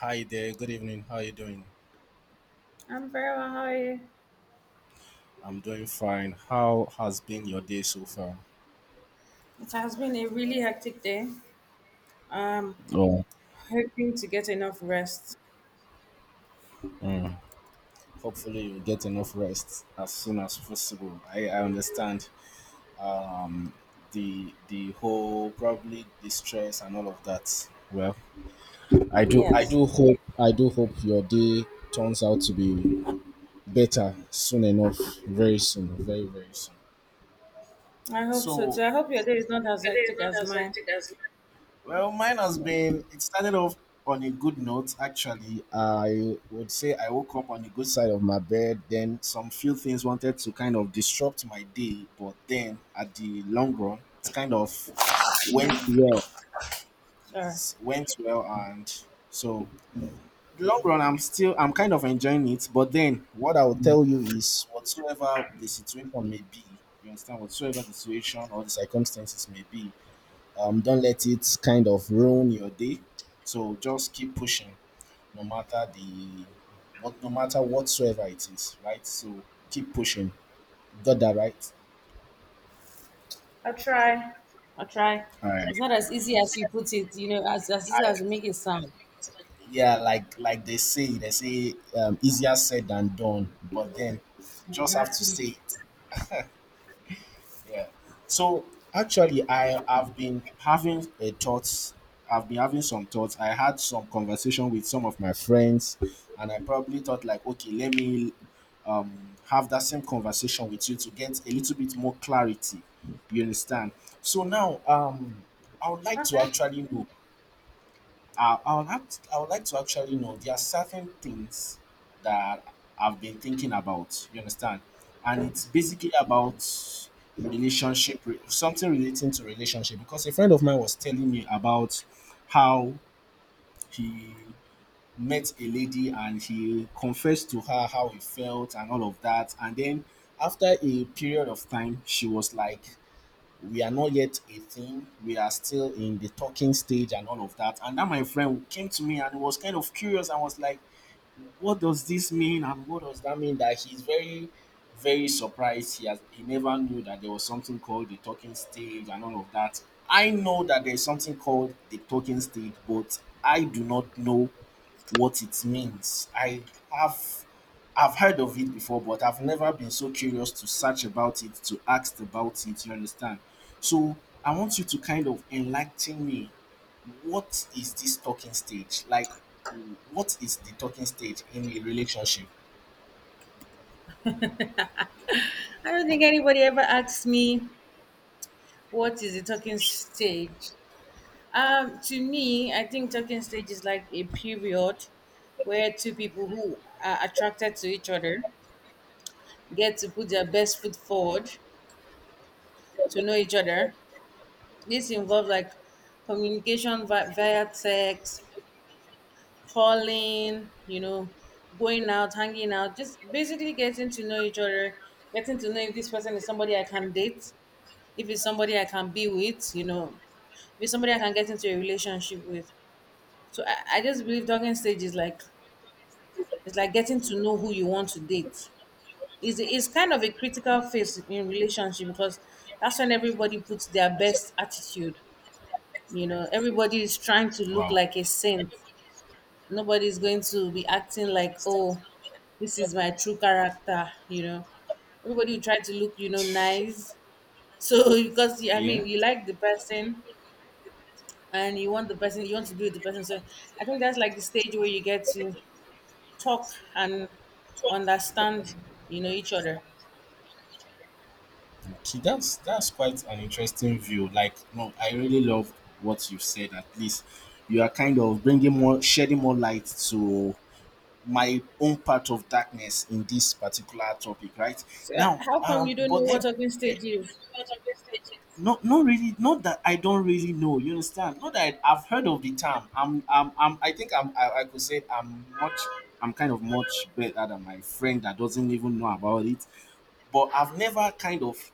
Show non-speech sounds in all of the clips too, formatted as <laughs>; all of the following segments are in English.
Hi there, good evening. How are you doing? I'm very well. How are you? I'm doing fine. How has been your day so far? It has been a really hectic day. I'm Oh, hoping to get enough rest. Mm. Hopefully, you get enough rest as soon as possible. I understand um, the whole probably the stress and all of that. Well, Yes, I do hope your day turns out to be better soon enough, very soon, very soon. I hope so So, too. I hope your day is not as hectic as mine. well, mine has been, it started off on a good note, actually. I would say I woke up on the good side of my bed. Then some few things wanted to kind of disrupt my day. But then at the long run, it kind of went well. Sorry. It went well. And so, the long run, I'm kind of enjoying it. But then what I will tell you is whatsoever the situation may be, you understand, whatsoever the situation or the circumstances may be, don't let it kind of ruin your day. So just keep pushing, no matter the no matter whatsoever it is, right? So keep pushing. Got that right? I'll try. I'll try. All right. It's not as easy as you put it, as easy as you make it sound. Yeah, like they say, easier said than done. But then, you just have to say it. Yeah. So actually, I have been having a thoughts. I've been having some thoughts. I had some conversation with some of my friends, and I probably thought like, okay, let me um, have that same conversation with you to get a little bit more clarity. You understand? So now, I would like to Okay. actually know I would act, I would like to actually know. There are certain things that I've been thinking about. You understand, and it's basically about relationship, something relating to relationship. Because a friend of mine was telling me about how he met a lady and he confessed to her how he felt and all of that, and then after a period of time, she was like, we are not yet 18, we are still in the talking stage and all of that. And then my friend came to me and was kind of curious. I was like, what does this mean and what does that mean? That he's very very surprised he has He never knew that there was something called the talking stage and all of that. I know that there's something called the talking stage, but I do not know what it means. Have I've heard of it before, but I've never been so curious to search about it, to ask about it, you understand? So I want you to kind of enlighten me. What is this talking stage? Like, what is the talking stage in a relationship? I don't think anybody ever asks me what is a talking stage. To me, I think talking stage is like a period where two people who are attracted to each other get to put their best foot forward to know each other. This involves like communication via text, calling, you know, going out, hanging out, just basically getting to know each other, getting to know if this person is somebody I can date, if it's somebody I can be with, you know, if it's somebody I can get into a relationship with. So I just believe talking stage is like it's like getting to know who you want to date is kind of a critical phase in relationship because that's when everybody puts their best attitude. You know, everybody is trying to look Wow. like a saint. Nobody is going to be acting like, oh, this is my true character. You know, everybody will try to look, you know, nice. So <laughs> because I Yeah. mean, you like the person and you want the person, you want to be with the person. So I think that's like the stage where you get to talk and understand, you know, each other. Okay, that's quite an interesting view. Like, no, I really love what you've said. At least you are kind of bringing more, shedding more light to my own part of darkness in this particular topic, right? So Now, how come you don't know but what then, talking eh, stage is? not really, not that I don't really know. You understand? Not that I, I've heard of the term. I think I could say I'm kind of much better than my friend that doesn't even know about it. But I've never kind of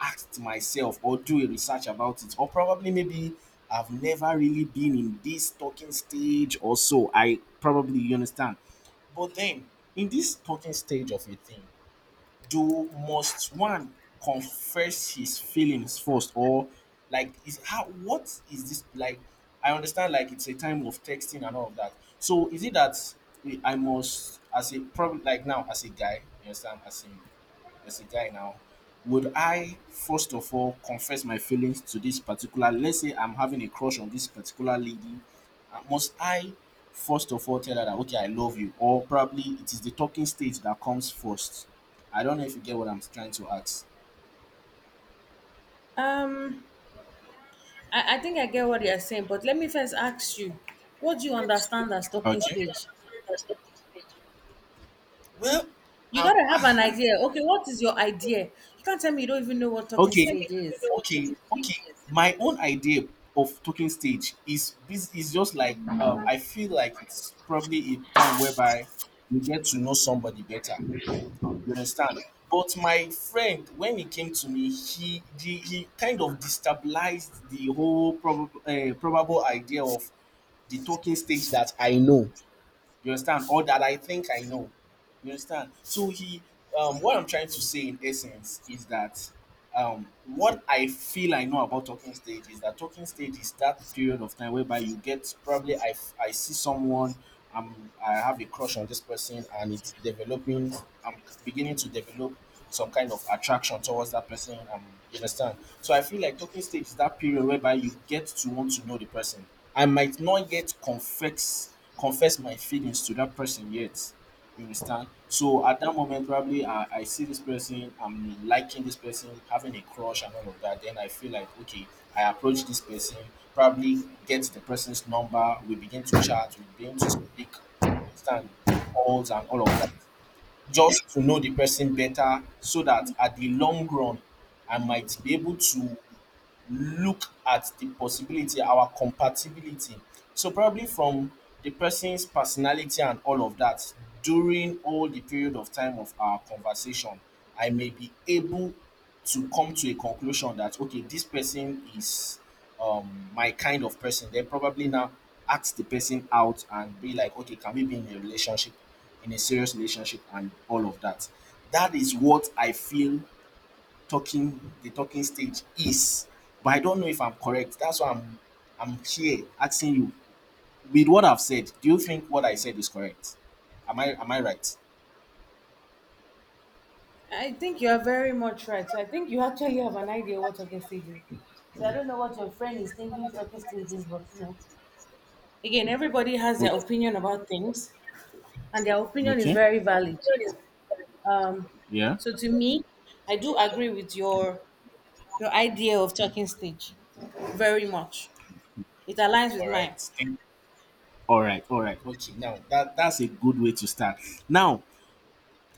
asked myself or do a research about it or probably maybe I've never really been in this talking stage or so I probably, you understand. But then in this talking stage of a thing, do must one confess his feelings first, or like, is how what is this like? I understand like it's a time of texting and all of that. So is it that eh, I must as a probably like now as a guy, you understand, as a guy now, would I first of all confess my feelings to this particular, let's say I'm having a crush on this particular lady, must I first of all tell her that okay, I love you, or probably it is the talking stage that comes first? I don't know if you get what I'm trying to ask. Um, I think I get what you're saying, but let me first ask you, what do you understand as talking Okay. stage? Well, You um, gotta have an idea. Okay, what is your idea? You can't tell me you don't even know what <laughs> talking okay, stage is. Okay. My own idea of talking stage is this is just like, I feel like it's probably a time whereby you get to know somebody better. You understand? But my friend, when he came to me, he kind of destabilized the whole probable probable idea of the talking stage that I know. You understand? Or that I think I know. You understand? So he, what I'm trying to say in essence is that what I feel I know about talking stage is that talking stage is that period of time whereby you get probably I see someone, um I have a crush on this person and it's developing. I'm beginning to develop some kind of attraction towards that person, you understand. So I feel like talking stage is that period whereby you get to want to know the person. I might not yet confess my feelings to that person yet, you understand? So at that moment, probably I see this person, I'm liking this person, having a crush and all of that. Then I feel like, okay, I approach this person, probably get the person's number, we begin to chat, we begin to speak, understand, calls and all of that. Just to know the person better so that at the long run, I might be able to look at the possibility, our compatibility. So probably from the person's personality and all of that, during all the period of time of our conversation, I may be able to come to a conclusion that okay, this person is my kind of person. Then probably now ask the person out and be like, okay, can we be in a relationship, in a serious relationship, and all of that. That is what I feel talking the talking stage is, but I don't know if I'm correct. That's why I'm here asking you. With what I've said, do you think what I said is correct? Am I right? I think you are very much right. So I think you actually have an idea what talking stage is. So I don't know what your friend is thinking talking stage is, but you know. Again, everybody has their opinion about things and their opinion is very valid. Um so to me, I do agree with your idea of talking stage very much. It aligns with all right mine. thank all right, okay, now that that's a good way to start. Now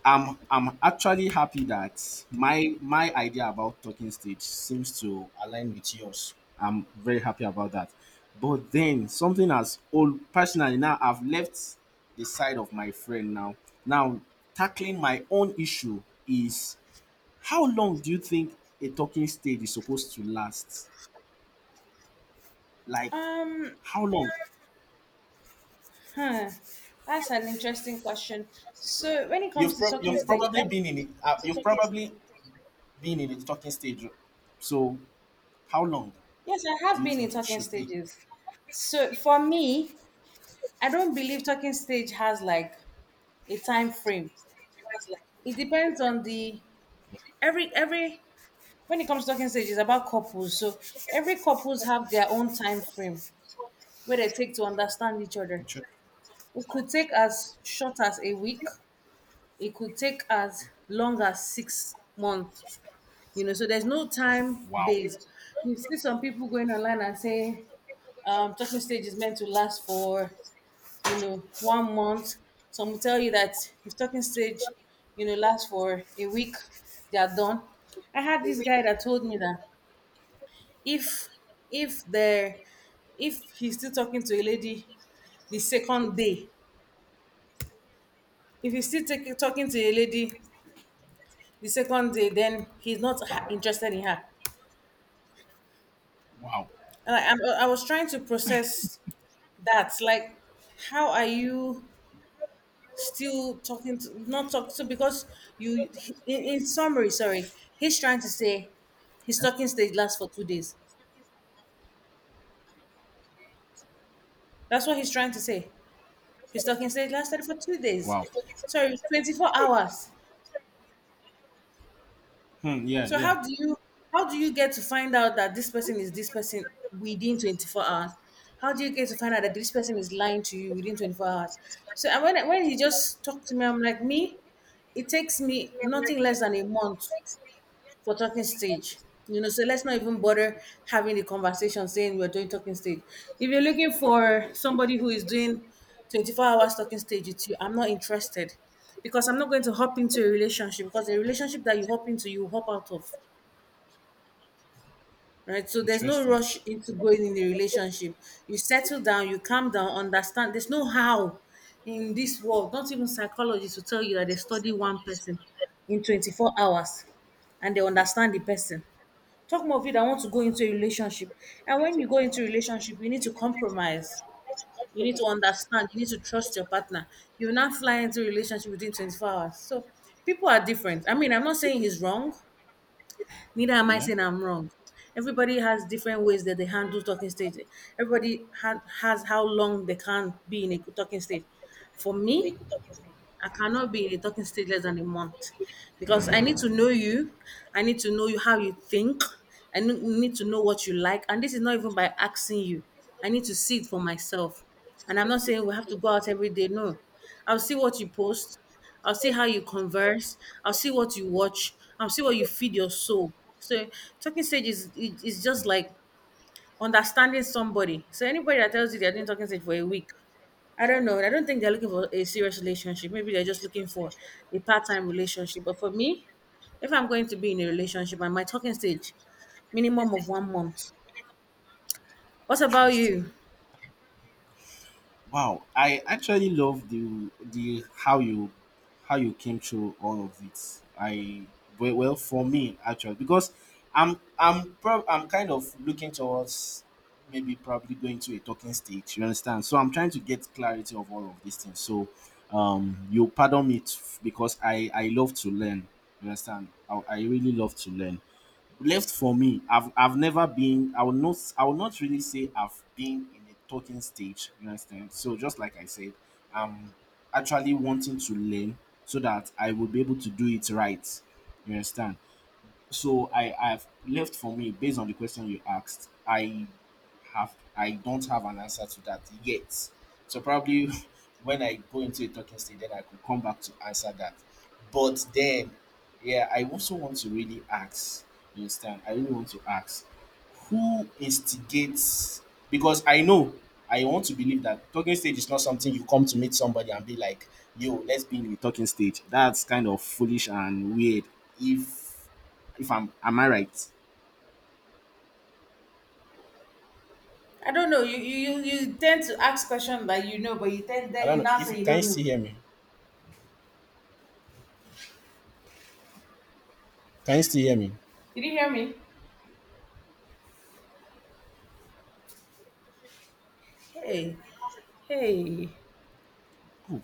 I'm actually happy that my idea about talking stage seems to align with yours. I'm very happy about that. But then something as old personally, now I've left the side of my friend now. Now tackling my own issue is, how long do you think a talking stage is supposed to last? Like, Um, how long? huh. That's an interesting question. So, when it You've comes to talking you've stage, probably been in it. You've probably been in the talking stage. So how long yes, I do have you been in think it talking should be? stages. So, for me, I don't believe talking stage has like a time frame. It depends on the every when it comes to talking stage, it's about couples. So, every couples have their own time frame where they take to understand each other. It It could take as short as a week, it could take as long as 6 months. You know, so there's no time Wow. base. You see some people going online and say, talking stage is meant to last for, you know, 1 month. Some will tell you that if talking stage, you know, lasts for a week, they are done. I had this guy that told me that if if there if he's still talking to a lady the second day, if he's still taking talking to a lady the second day, then he's not interested in her. Wow. And I was trying to process that, like how are you still talking to not talk to because you in summary, sorry, he's trying to say his talking stage lasts for 2 days. That's what he's trying to say. His talking stage lasted for 2 days, Wow. sorry, 24 hours. Hmm, yeah, So yeah. How do you get to find out that this person is this person within 24 hours? How do you get to find out that this person is lying to you within 24 hours? So and when he just talked to me, I'm like, me, it takes me nothing less than a month for talking stage. You know, so let's not even bother having the conversation saying we're doing talking stage. If you're looking for somebody who is doing 24 hours talking stage with you, I'm not interested, because I'm not going to hop into a relationship, because a relationship that you hop into, you hop out of, right? So there's no Interesting. rush into going in a relationship. You settle down, you calm down, understand. There's no how in this world. Not even psychologists will tell you that they study one person in 24 hours and they understand the person. Talk more of you that want to go into a relationship. And when you go into a relationship, you need to compromise. You need to understand. You need to trust your partner. You will not fly into a relationship within 24 hours. So people are different. I mean, I'm not saying he's wrong. Neither am I Yeah. saying I'm wrong. Everybody has different ways that they handle talking stage. Everybody has how long they can be in a talking stage. For me, I cannot be in a talking stage less than a month because I need to know you. I need to know you how you think. Need to know what you like. And this is not even by asking you. I need to see it for myself. And I'm not saying we have to go out every day. No. I'll see what you post. I'll see how you converse. I'll see what you watch. I'll see what you feed your soul. So talking stage is Hmm. just like understanding somebody. So anybody that tells you they're doing talking stage for a week, I don't know. I don't think they're looking for a serious relationship. Maybe they're just looking for a part-time relationship. But for me, if I'm going to be in a relationship, I'm at my talking stage, minimum of 1 month. What about Interesting. you? Wow, I actually love the how you came through all of it. I well, well for me actually, because I'm kind of looking towards maybe probably going to a talking stage. You understand? So I'm trying to get clarity of all of these things. So you pardon me because I love to learn. You understand? I really love to learn. Left for me, I've never been, I will not really say I've been in a talking stage, you understand? So just like I said, I'm actually wanting to learn so that I will be able to do it right, you understand? So I've left for me based on the question you asked, I don't have an answer to that yet. So probably <laughs> when I go into a talking stage, then I could come back to answer that. But then yeah, I also want to really ask, you understand, I really want to ask, who instigates? Because I know, I want to believe that talking stage is not something you come to meet somebody and be like, yo, let's be in the talking stage. That's kind of foolish and weird. if if I'm, am I right? I don't know. You tend to ask questions that you know, but you tend I then don't you know now if you say you can you don't still know. hear me. Can you still hear me? Did you hear me? Hey, hey. Oh,